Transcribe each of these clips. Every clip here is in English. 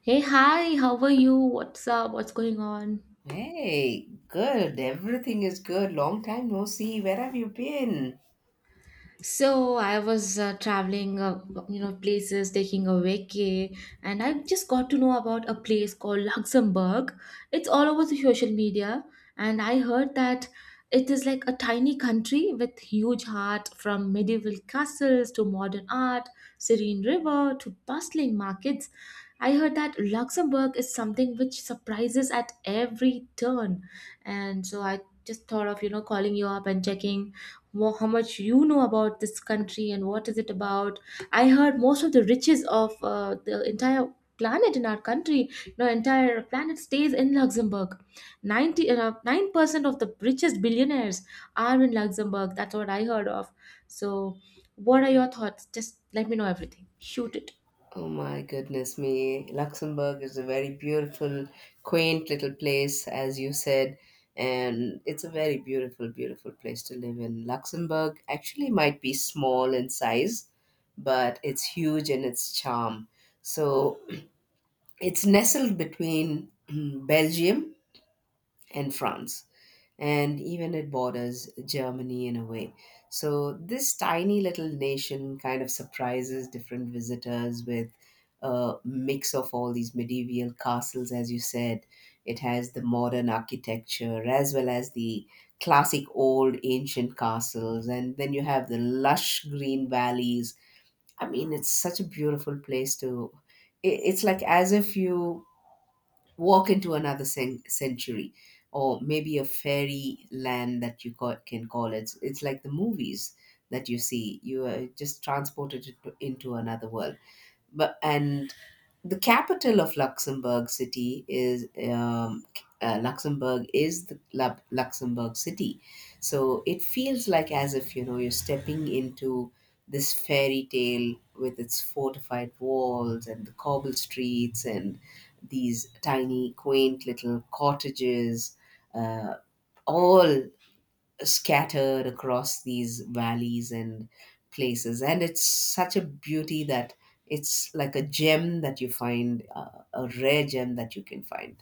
Hey, hi, how are you? What's up? What's going on? Hey, good. Everything is good. Long time no see. Where have you been? So I was traveling, places, taking a vacay, and I just got to know about a place called Luxembourg. It's all over the social media, and I heard that it is like a tiny country with huge heart, from medieval castles to modern art, serene river to bustling markets. I heard that Luxembourg is something which surprises at every turn, and so I just thought of calling you up and checking how much you know about this country and what is it about. I heard most of the riches of the entire planet in our country, you know, entire planet stays in Luxembourg. 9% of the richest billionaires are in Luxembourg. That's what I heard of. So, what are your thoughts? Just let me know everything. Shoot it. Oh my goodness me. Luxembourg is a very beautiful, quaint little place, as you said. And it's a very beautiful, beautiful place to live in. Luxembourg actually might be small in size, but it's huge in its charm. So it's nestled between Belgium and France, and even it borders Germany in a way. So this tiny little nation kind of surprises different visitors with a mix of all these medieval castles, as you said. It has the modern architecture as well as the classic old ancient castles, and then you have the lush green valleys. I mean, it's such a beautiful place to. It's like as if you walk into another century, or maybe a fairy land that you can call it. It's like the movies that you see. You are just transported into another world. But and the capital of Luxembourg City is Luxembourg is the Luxembourg City, so it feels like as if you're stepping into this fairy tale with its fortified walls and the cobble streets and these tiny, quaint little cottages, uh, all scattered across these valleys and places. And it's such a beauty that it's like a gem that you find, a rare gem that you can find.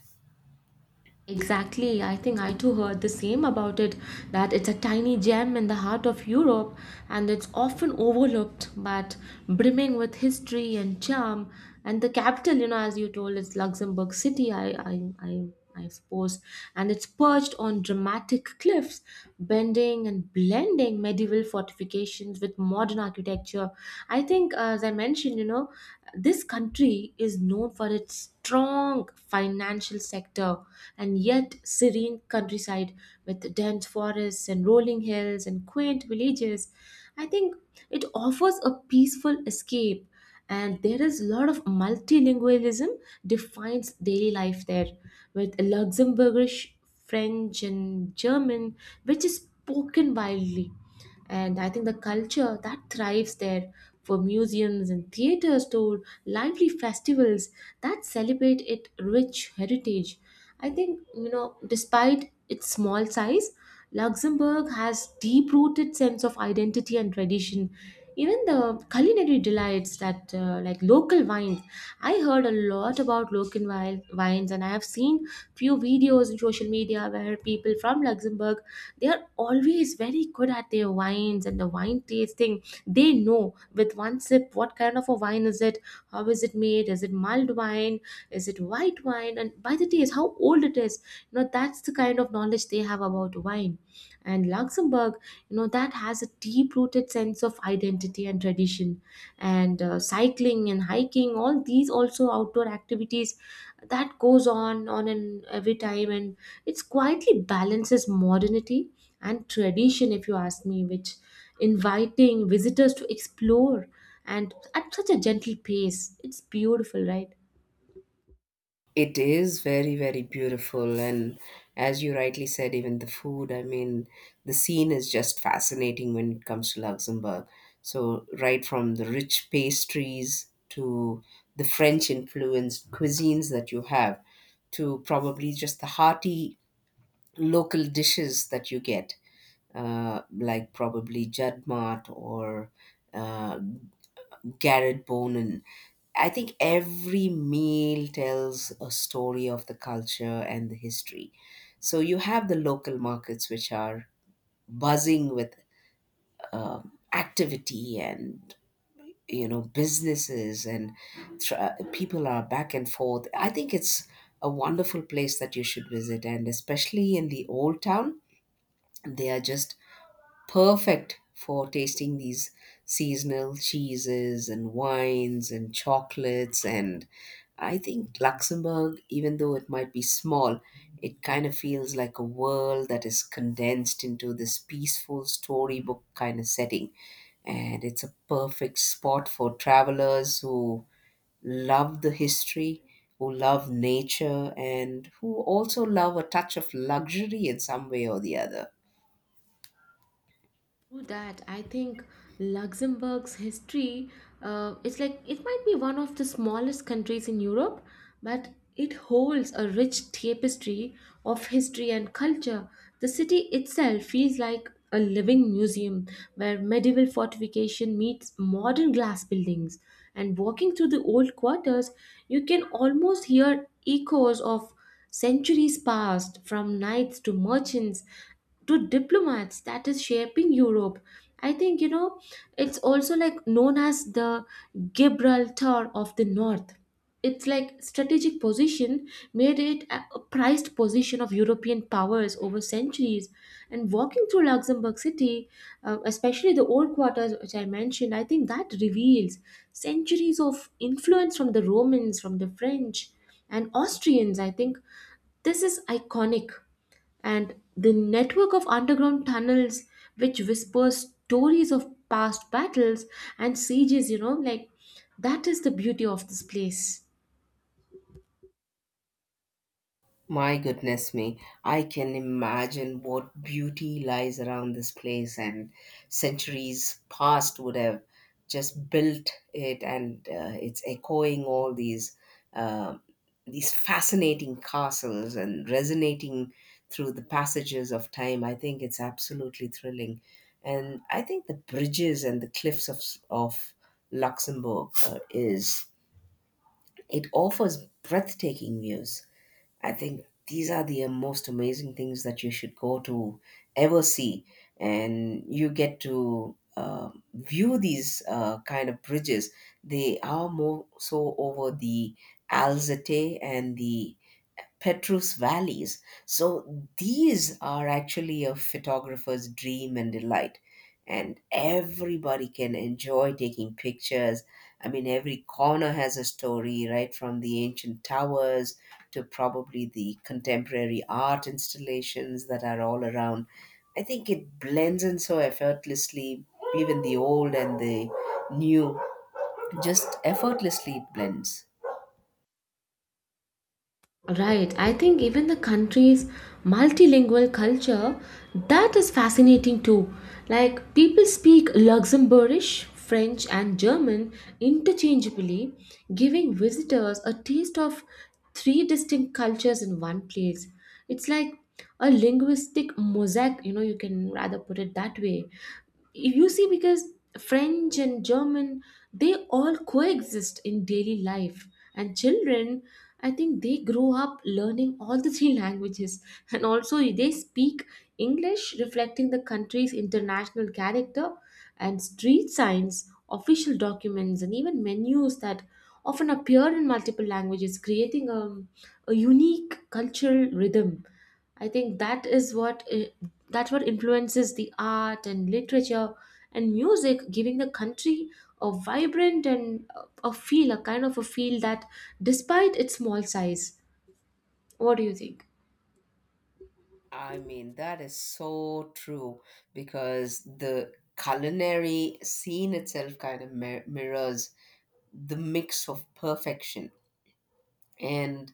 Exactly, I think I too heard the same about it, that it's a tiny gem in the heart of Europe, and it's often overlooked but brimming with history and charm. And the capital, you know, as you told, is Luxembourg City, I suppose, and it's perched on dramatic cliffs, bending and blending medieval fortifications with modern architecture. I think, as I mentioned, you know, this country is known for its strong financial sector and yet serene countryside with dense forests and rolling hills and quaint villages. I think it offers a peaceful escape, and there is a lot of multilingualism defines daily life there, with Luxembourgish, French, and German, which is spoken widely. And I think the culture that thrives there, for museums and theaters to lively festivals that celebrate its rich heritage. I think, you know, despite its small size, Luxembourg has deep-rooted sense of identity and tradition. Even the culinary delights that like local wines. I heard a lot about local wines, and I have seen few videos in social media where people from Luxembourg, they are always very good at their wines and the wine tasting. They know with one sip what kind of a wine is it, how is it made, is it mulled wine, is it white wine, and by the taste how old it is. You know, that's the kind of knowledge they have about wine. And Luxembourg, you know, that has a deep rooted sense of identity and tradition, and cycling and hiking, all these also outdoor activities that goes on and every time. And it's quietly balances modernity and tradition, if you ask me, which inviting visitors to explore and at such a gentle pace. It's beautiful, right? It is very, very beautiful. And as you rightly said, even the food, I mean, the scene is just fascinating when it comes to Luxembourg. So right from the rich pastries to the French influenced cuisines that you have, to probably just the hearty local dishes that you get, like probably Judmart or uh, Garrett Bonin. I think every meal tells a story of the culture and the history. So you have the local markets which are buzzing with activity and, you know, businesses and people are back and forth. I think it's a wonderful place that you should visit, and especially in the old town, they are just perfect for tasting these seasonal cheeses and wines and chocolates. And I think Luxembourg, even though it might be small, it kind of feels like a world that is condensed into this peaceful storybook kind of setting. And it's a perfect spot for travelers who love the history, who love nature, and who also love a touch of luxury in some way or the other. True that. I think Luxembourg's history, it's like it might be one of the smallest countries in Europe, but it holds a rich tapestry of history and culture. The city itself feels like a living museum where medieval fortification meets modern glass buildings. And walking through the old quarters, you can almost hear echoes of centuries past, from knights to merchants to diplomats that is shaping Europe. I think, you know, it's also like known as the Gibraltar of the North. It's like strategic position made it a prized position of European powers over centuries. And walking through Luxembourg City, especially the old quarters which I mentioned, I think that reveals centuries of influence from the Romans, from the French, and Austrians. I think this is iconic, and the network of underground tunnels which whispers stories of past battles and sieges, you know, like that is the beauty of this place. My goodness me, I can imagine what beauty lies around this place, and centuries past would have just built it, and it's echoing all uh, these fascinating castles and resonating through the passages of time. I think it's absolutely thrilling, and I think the bridges and the cliffs of of Luxembourg, is it offers breathtaking views. I think these are the most amazing things that you should go to ever see, and you get to view these, kind of bridges. They are more so over the Alzate and the Petrus valleys. So these are actually a photographer's dream and delight. And everybody can enjoy taking pictures. I mean, every corner has a story, right? From the ancient towers to probably the contemporary art installations that are all around. I think it blends in so effortlessly, even the old and the new, just effortlessly it blends. Right. I think even the country's multilingual culture, that is fascinating too. Like people speak Luxembourgish, French, and German interchangeably, giving visitors a taste of three distinct cultures in one place. It's like a linguistic mosaic, you know, you can rather put it that way, you see, because French and German, they all coexist in daily life. And children, I think they grow up learning all the three languages, and also they speak English, reflecting the country's international character. And street signs, official documents, and even menus that often appear in multiple languages, creating a unique cultural rhythm. I think that is what that's what influences the art and literature and music, giving the country a vibrant and a feel, a kind of a feel that, despite its small size, what do you think? I mean, that is so true because the culinary scene itself kind of mirrors the mix of perfection. And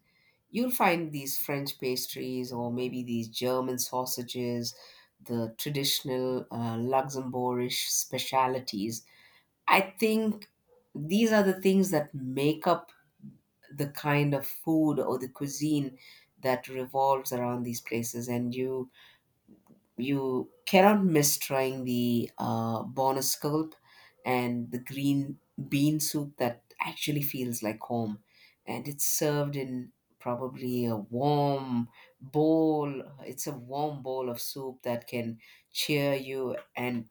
you'll find these French pastries or maybe these German sausages, the traditional, Luxembourgish specialities. I think these are the things that make up the kind of food or the cuisine that revolves around these places. And you cannot miss trying the bonus scallop and the green bean soup that actually feels like home. And it's served in probably a warm bowl. It's a warm bowl of soup that can cheer you. And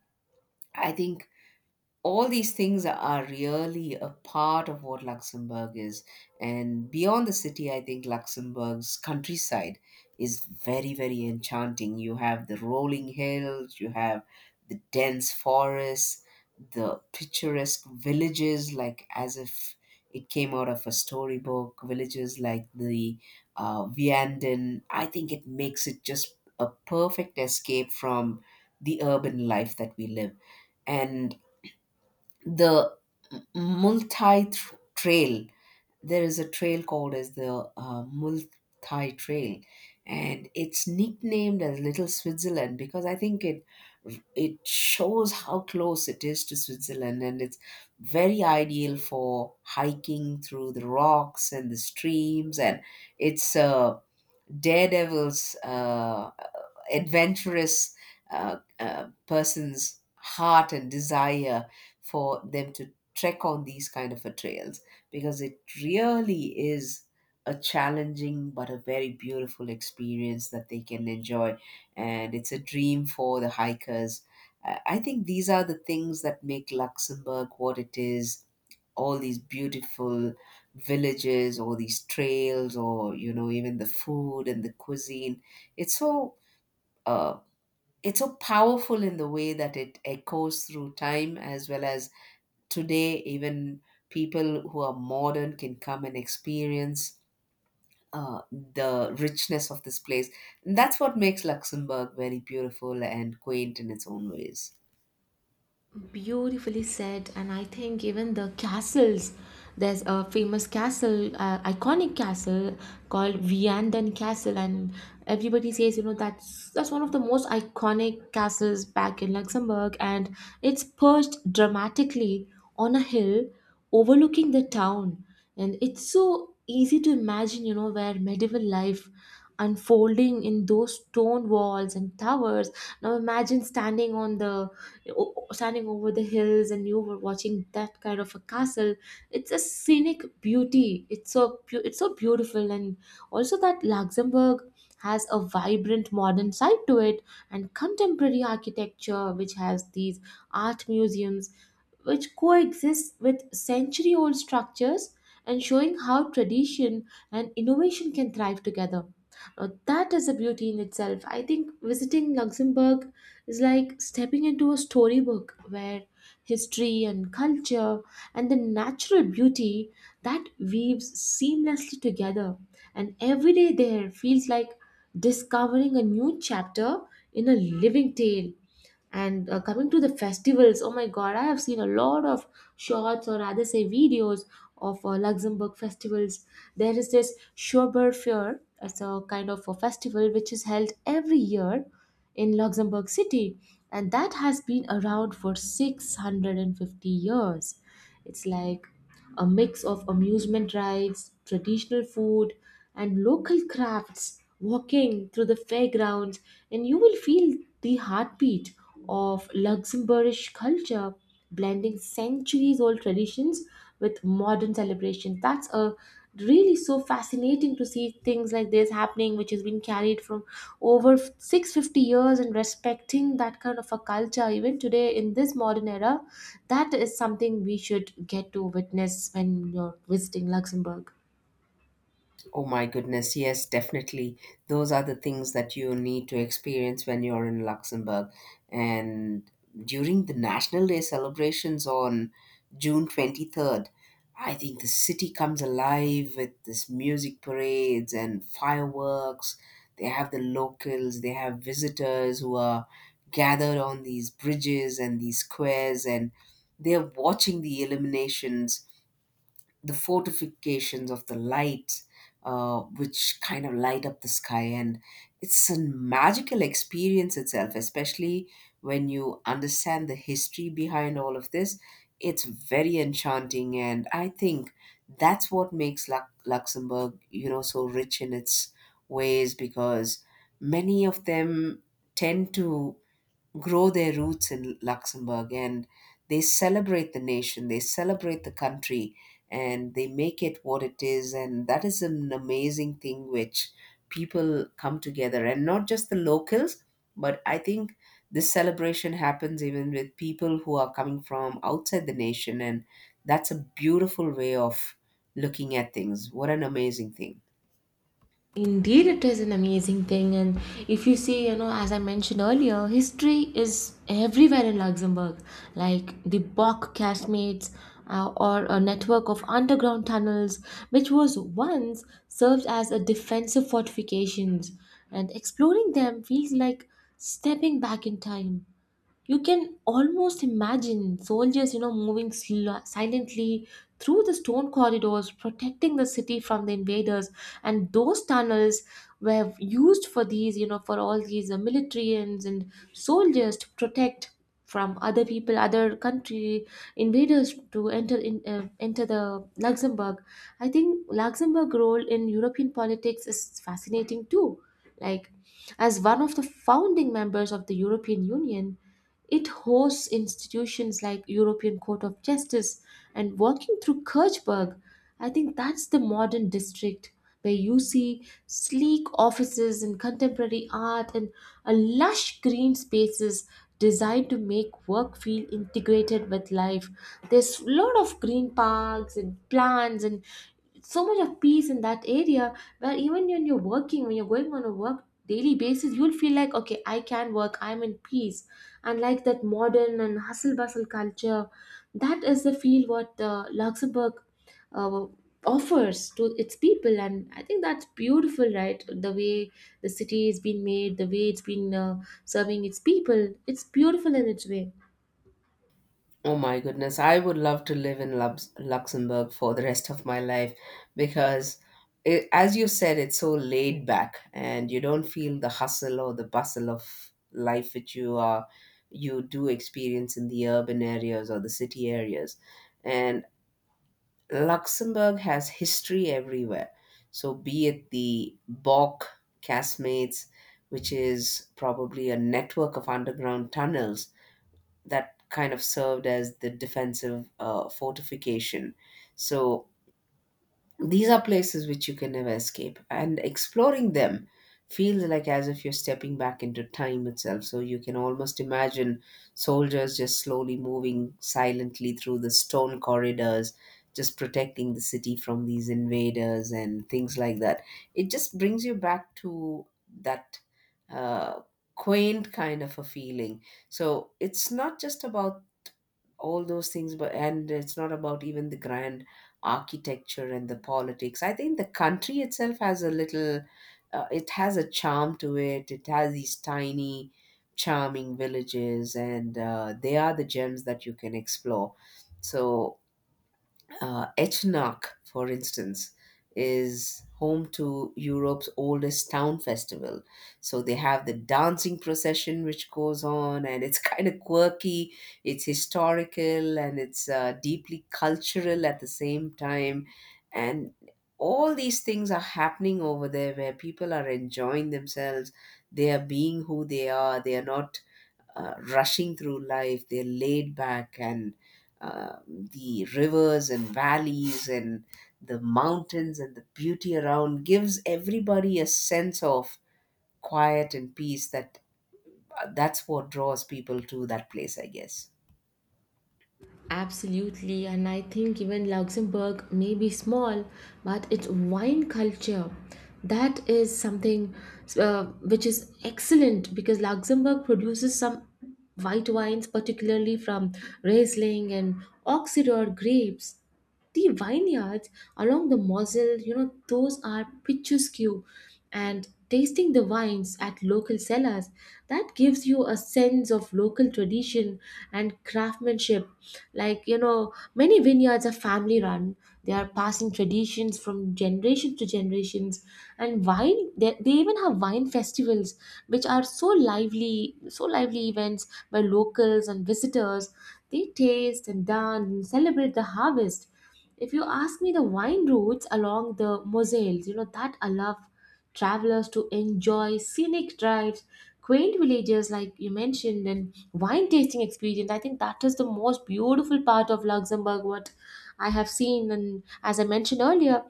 I think all these things are really a part of what Luxembourg is. And beyond the city, I think Luxembourg's countryside is very, very enchanting. You have the rolling hills, you have the dense forests, the picturesque villages, like as if it came out of a storybook, villages like the Vianden. I think it makes it just a perfect escape from the urban life that we live. And the M- trail, there is a trail called as the multi trail, and it's nicknamed as little Switzerland, because I think it shows how close it is to Switzerland. And it's very ideal for hiking through the rocks and the streams, and it's a daredevil's, adventurous, person's heart and desire for them to trek on these kind of a trails, because it really is a challenging but a very beautiful experience that they can enjoy. And it's a dream for the hikers. I think these are the things that make Luxembourg what it is, all these beautiful villages, all these trails, or, you know, even the food and the cuisine. It's so uh, it's so powerful in the way that it echoes through time, as well as today even people who are modern can come and experience the richness of this place. And that's what makes Luxembourg very beautiful and quaint in its own ways. Beautifully said, and I think even the castles. There's a famous castle, iconic castle called Vianden Castle, and everybody says, you know, that's one of the most iconic castles back in Luxembourg, and it's perched dramatically on a hill overlooking the town, and it's so easy to imagine, you know, where medieval life unfolding in those stone walls and towers. Now imagine standing on the standing over the hills and you were watching that kind of a castle. It's a scenic beauty. It's so it's so beautiful. And also that Luxembourg has a vibrant modern side to it, and contemporary architecture which has these art museums, which coexists with century old structures, and showing how tradition and innovation can thrive together. Now, that is a beauty in itself. I think visiting Luxembourg is like stepping into a storybook where history and culture and the natural beauty that weaves seamlessly together. And every day there feels like discovering a new chapter in a living tale. And coming to the festivals, oh my god, I have seen a lot of shorts, or rather say videos of Luxembourg festivals. There is this Schober Fair, it's a kind of a festival which is held every year in Luxembourg City, and that has been around for 650 years. It's like a mix of amusement rides, traditional food, and local crafts, walking through the fairgrounds, and you will feel the heartbeat of Luxembourgish culture, blending centuries old traditions with modern celebration. That's a really so fascinating to see things like this happening, which has been carried from over 650 years, and respecting that kind of a culture even today in this modern era. That is something we should get to witness when you're visiting Luxembourg. Oh my goodness, yes, definitely. Those are the things that you need to experience when you're in Luxembourg. And during the National Day celebrations on June 23rd, I think the city comes alive with this music parades and fireworks. They have the locals, they have visitors who are gathered on these bridges and these squares, and they're watching the illuminations, the fortifications of the light, which kind of light up the sky. And it's a magical experience itself, especially when you understand the history behind all of this. It's very enchanting. And I think that's what makes Luxembourg, you know, so rich in its ways, because many of them tend to grow their roots in Luxembourg, and they celebrate the nation, they celebrate the country, and they make it what it is. And that is an amazing thing, which people come together, and not just the locals, but I think this celebration happens even with people who are coming from outside the nation. And that's a beautiful way of looking at things. What an amazing thing. Indeed, it is an amazing thing. And if you see, you know, as I mentioned earlier, history is everywhere in Luxembourg, like the Bock casemates, or a network of underground tunnels, which was once served as a defensive fortifications. And exploring them feels like stepping back in time. You can almost imagine soldiers, you know, moving silently through the stone corridors, protecting the city from the invaders. And those tunnels were used for these, you know, for all these militarians and soldiers to protect from other people, other country invaders to enter in enter the Luxembourg. I think Luxembourg role in European politics is fascinating too, like as one of the founding members of the European Union. It hosts institutions like European Court of Justice, and walking through Kirchberg, I think that's the modern district where you see sleek offices and contemporary art and a lush green spaces designed to make work feel integrated with life. There's a lot of green parks and plants and so much of peace in that area, where even when you're working, when you're going on a work daily basis, you'll feel like, okay, I can work, I'm in peace. And like that modern and hustle bustle culture, that is the feel what Luxembourg uh, offers to its people. And I think that's beautiful, right? The way the city has been made, the way it's been serving its people, it's beautiful in its way. Oh my goodness, I would love to live in Luxembourg for the rest of my life, because, it, as you said, it's so laid back and you don't feel the hustle or the bustle of life which you are you do experience in the urban areas or the city areas. And Luxembourg has history everywhere. So be it the Bock castmates, which is probably a network of underground tunnels that kind of served as the defensive, fortification. So these are places which you can never escape, and exploring them feels like as if you're stepping back into time itself. So you can almost imagine soldiers just slowly moving silently through the stone corridors, just protecting the city from these invaders and things like that. It just brings you back to that. Uh, Quaint kind of a feeling. So it's not just about all those things, but and it's not about even the grand architecture and the politics. I think the country itself has a little, it has a charm to it. It has these tiny, charming villages, and they are the gems that you can explore. So Echnach, for instance, is home to Europe's oldest town festival. So they have the dancing procession which goes on, and it's kind of quirky, it's historical, and it's deeply cultural at the same time. And all these things are happening over there where people are enjoying themselves, they are being who they are not rushing through life, they're laid back. And the rivers and valleys and the mountains and the beauty around gives everybody a sense of quiet and peace that, that's what draws people to that place, I guess. Absolutely, and I think even Luxembourg may be small, but its wine culture, that is something uh, which is excellent, because Luxembourg produces some white wines, particularly from Riesling and Oxidor grapes. The vineyards along the Moselle, you know, those are picturesque, and tasting the wines at local cellars, that gives you a sense of local tradition and craftsmanship. Like, you know, many vineyards are family run. They are passing traditions from generation to generations. And wine, they even have wine festivals which are so lively, so lively events by locals and visitors. They taste and dance and celebrate the harvest. If you ask me, the wine routes along the Moselle, you know, that allow travelers to enjoy scenic drives, quaint villages like you mentioned, and wine tasting experience. I think that is the most beautiful part of Luxembourg, what I have seen. And as I mentioned earlier,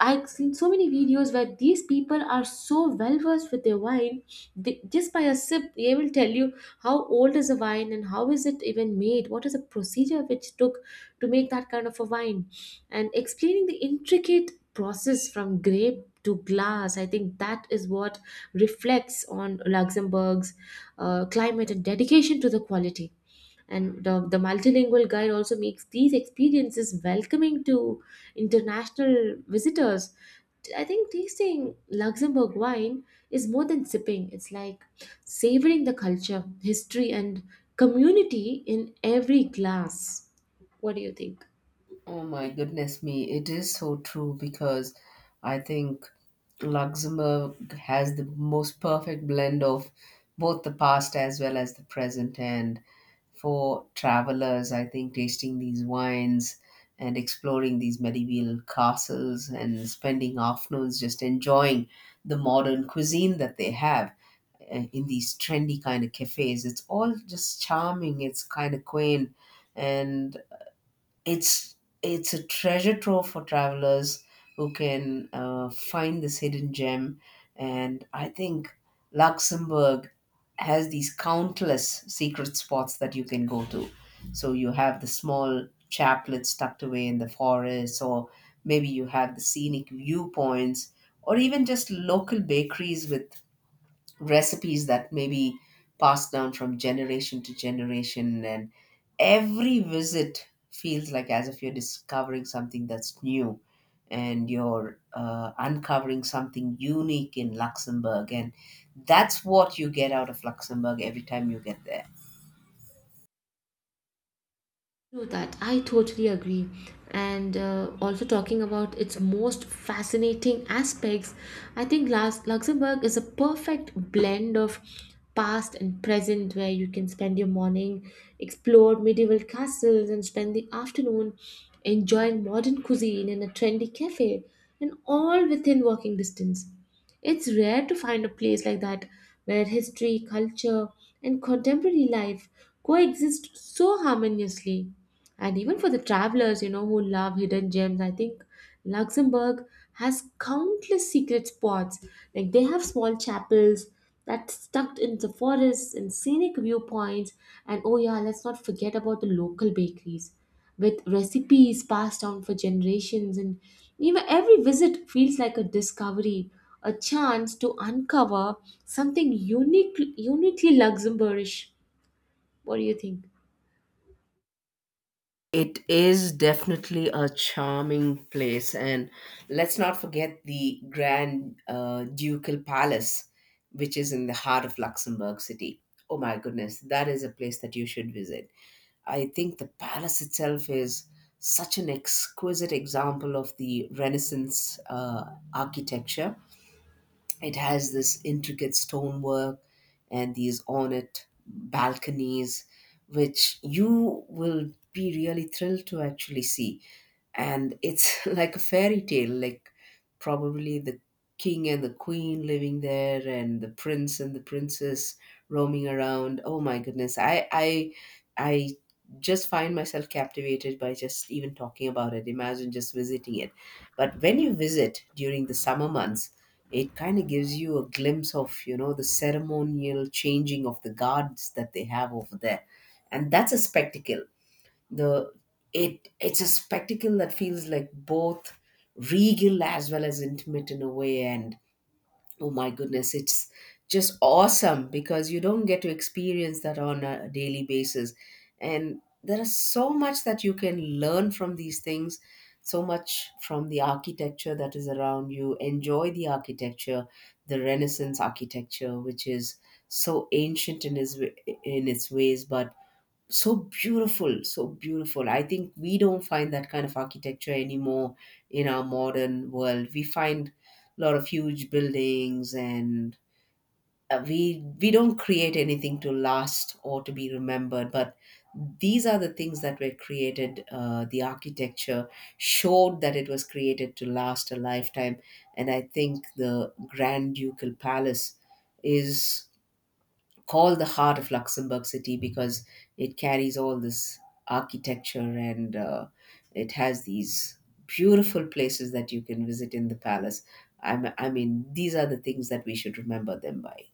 I've seen so many videos where these people are so well versed with their wine. They, just by a sip, they will tell you how old is the wine and how is it even made. What is the procedure which took to make that kind of a wine, and explaining the intricate process from grape to glass. I think that is what reflects on Luxembourg's climate and dedication to the quality and the multilingual guide also makes these experiences welcoming to international visitors. I think tasting Luxembourg wine is more than sipping. It's like savoring the culture, history, and community in every glass. What do you think? Oh my goodness me, it is so true, because I think Luxembourg has the most perfect blend of both the past as well as the present. And for travelers, I think, tasting these wines and exploring these medieval castles and spending afternoons just enjoying the modern cuisine that they have, in these trendy kind of cafes. It's all just charming, it's kind of quaint, and it's it's a treasure trove for travelers who can, find this hidden gem. And I think Luxembourg has these countless secret spots that you can go to. So you have the small chaplets tucked away in the forest, or maybe you have the scenic viewpoints, or even just local bakeries with recipes that may be passed down from generation to generation, and every visit feels like as if you're discovering something that's new and you're uncovering something unique in Luxembourg, and that's what you get out of Luxembourg every time you get there. True that. I totally agree. And also talking about its most fascinating aspects, I think Luxembourg is a perfect blend of past and present, where you can spend your morning, explore medieval castles, and spend the afternoon enjoying modern cuisine in a trendy cafe, and all within walking distance. It's rare to find a place like that where history, culture, and contemporary life coexist so harmoniously. And even for the travelers, you know, who love hidden gems, I think Luxembourg has countless secret spots. Like, they have small chapels that's tucked in the forests and scenic viewpoints. And oh yeah, let's not forget about the local bakeries with recipes passed on for generations, and even every visit feels like a discovery, a chance to uncover something unique, uniquely Luxembourgish. What do you think? It is definitely a charming place, and let's not forget the Grand Ducal Palace, which is in the heart of Luxembourg City. Oh my goodness, that is a place that you should visit. I think the palace itself is such an exquisite example of the Renaissance architecture. It has this intricate stonework and these ornate balconies, which you will be really thrilled to actually see. And it's like a fairy tale, like probably the king and the queen living there and the prince and the princess roaming around. Oh my goodness. I just find myself captivated by just even talking about it. Imagine just visiting it. But when you visit during the summer months, it kind of gives you a glimpse of, you know, the ceremonial changing of the guards that they have over there, and that's a spectacle. The it it's a spectacle that feels like both regal as well as intimate in a way. And oh my goodness, it's just awesome because you don't get to experience that on a daily basis. And there is so much that you can learn from these things, so much from the architecture that is around you. Enjoy the architecture, the Renaissance architecture, which is so ancient in its ways, but so beautiful. So beautiful. I think we don't find that kind of architecture anymore. In our modern world we find a lot of huge buildings, and we don't create anything to last or to be remembered. But these are the things that were created. The architecture showed that it was created to last a lifetime. And I think the Grand Ducal Palace is called the heart of Luxembourg City because it carries all this architecture, and it has these beautiful places that you can visit in the palace. I mean, these are the things that we should remember them by.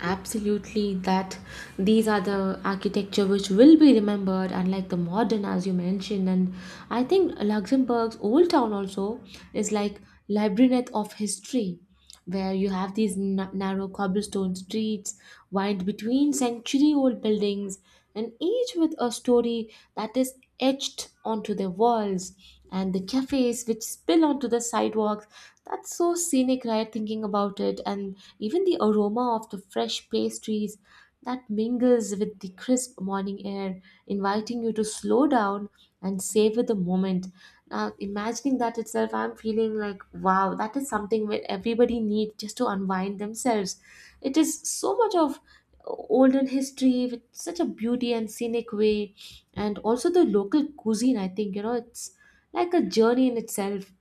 Absolutely, that these are the architecture which will be remembered, unlike the modern, as you mentioned. And I think Luxembourg's old town also is like labyrinth of history, where you have these narrow cobblestone streets wind between century-old buildings, and each with a story that is etched onto their walls, and the cafes which spill onto the sidewalks. That's so scenic, right? Thinking about it, and even the aroma of the fresh pastries that mingles with the crisp morning air, inviting you to slow down and savor the moment. Now, imagining that itself, I'm feeling like, wow, that is something where everybody needs just to unwind themselves. It is so much of olden history with such a beauty and scenic way, and also the local cuisine. I think, you know, it's like a journey in itself.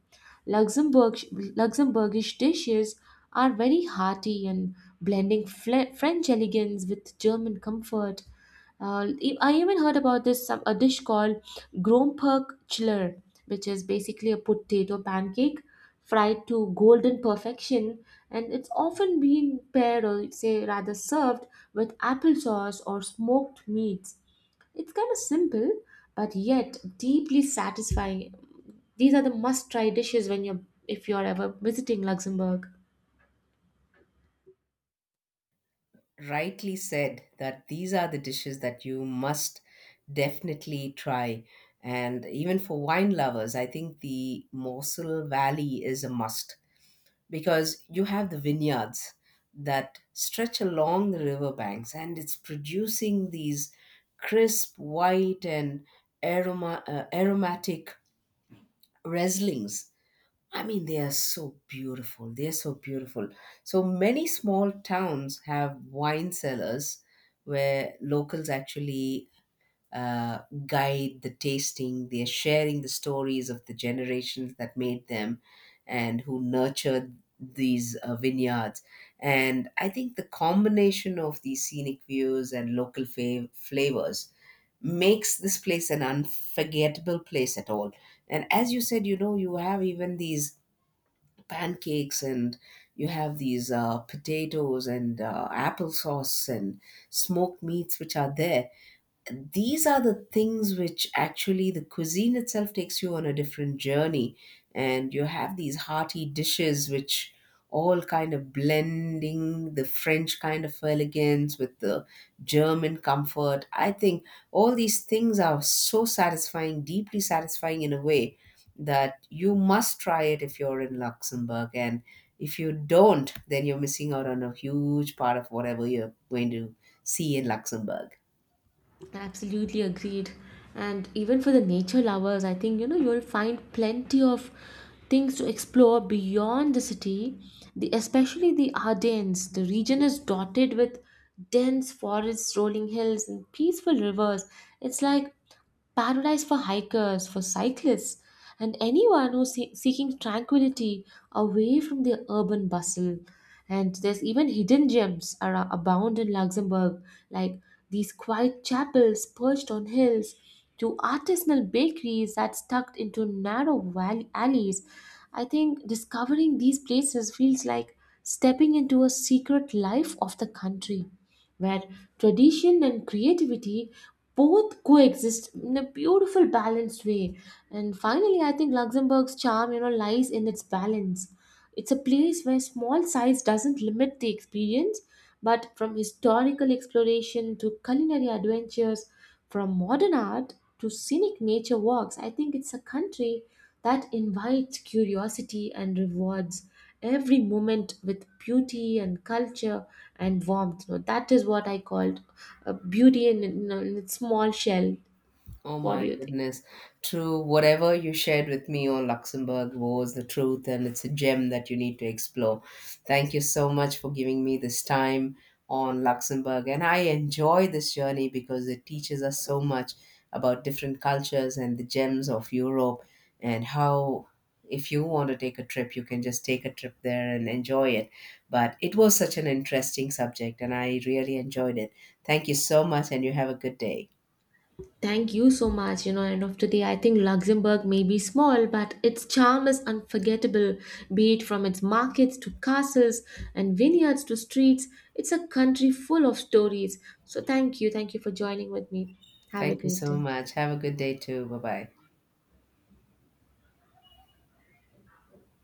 Luxembourg, Luxembourgish dishes are very hearty and blending French elegance with German comfort. I even heard about this some, a dish called Gromperk Chiller, which is basically a potato pancake fried to golden perfection, and it's often been paired, or say rather served, with applesauce or smoked meats. It's kind of simple, but yet deeply satisfying. These are the must-try dishes when you're, if you're ever visiting Luxembourg. Rightly said that these are the dishes that you must definitely try. And even for wine lovers, I think the Mosel Valley is a must, because you have the vineyards that stretch along the riverbanks and it's producing these crisp white and aromatic reslings. I mean, they are so beautiful. They are so beautiful. So many small towns have wine cellars where locals actually uh, guide the tasting. They're sharing the stories of the generations that made them and who nurtured these vineyards. And I think the combination of these scenic views and local flavors makes this place an unforgettable place at all. And as you said, you know, you have even these pancakes, and you have these potatoes and applesauce and smoked meats which are there. These are the things which actually the cuisine itself takes you on a different journey, and you have these hearty dishes which all kind of blending the French kind of elegance with the German comfort. I think all these things are so satisfying, deeply satisfying in a way, that you must try it if you're in Luxembourg. And if you don't, then you're missing out on a huge part of whatever you're going to see in Luxembourg. Absolutely agreed. And even for the nature lovers, I think, you know, you'll find plenty of things to explore beyond the city. The especially the Ardennes. The region is dotted with dense forests, rolling hills, and peaceful rivers. It's like paradise for hikers, for cyclists, and anyone who's seeking tranquility away from the urban bustle. And there's even hidden gems are abound in Luxembourg, like these quiet chapels perched on hills, to artisanal bakeries that tucked into narrow valley alleys. I think discovering these places feels like stepping into a secret life of the country, where tradition and creativity both coexist in a beautiful, balanced way. And finally, I think Luxembourg's charm, you know, lies in its balance. It's a place where small size doesn't limit the experience, but from historical exploration to culinary adventures, from modern art to scenic nature walks, I think it's a country that invites curiosity and rewards every moment with beauty and culture and warmth. You know, that is what I called beauty in, in its small shell. Oh What do my you think? goodness. True. Whatever you shared with me on Luxembourg was the truth, and it's a gem that you need to explore. Thank you so much for giving me this time on Luxembourg. And I enjoy this journey because it teaches us so much about different cultures and the gems of Europe, and how, if you want to take a trip, you can just take a trip there and enjoy it. But it was such an interesting subject, and I really enjoyed it. Thank you so much, and you have a good day. Thank you so much. You know, end of the day, I think Luxembourg may be small, but its charm is unforgettable. Be it from its markets to castles and vineyards to streets, it's a country full of stories. So thank you. Thank you for joining with me. Have a Thank you great so day. much. Have a good day too. Bye bye.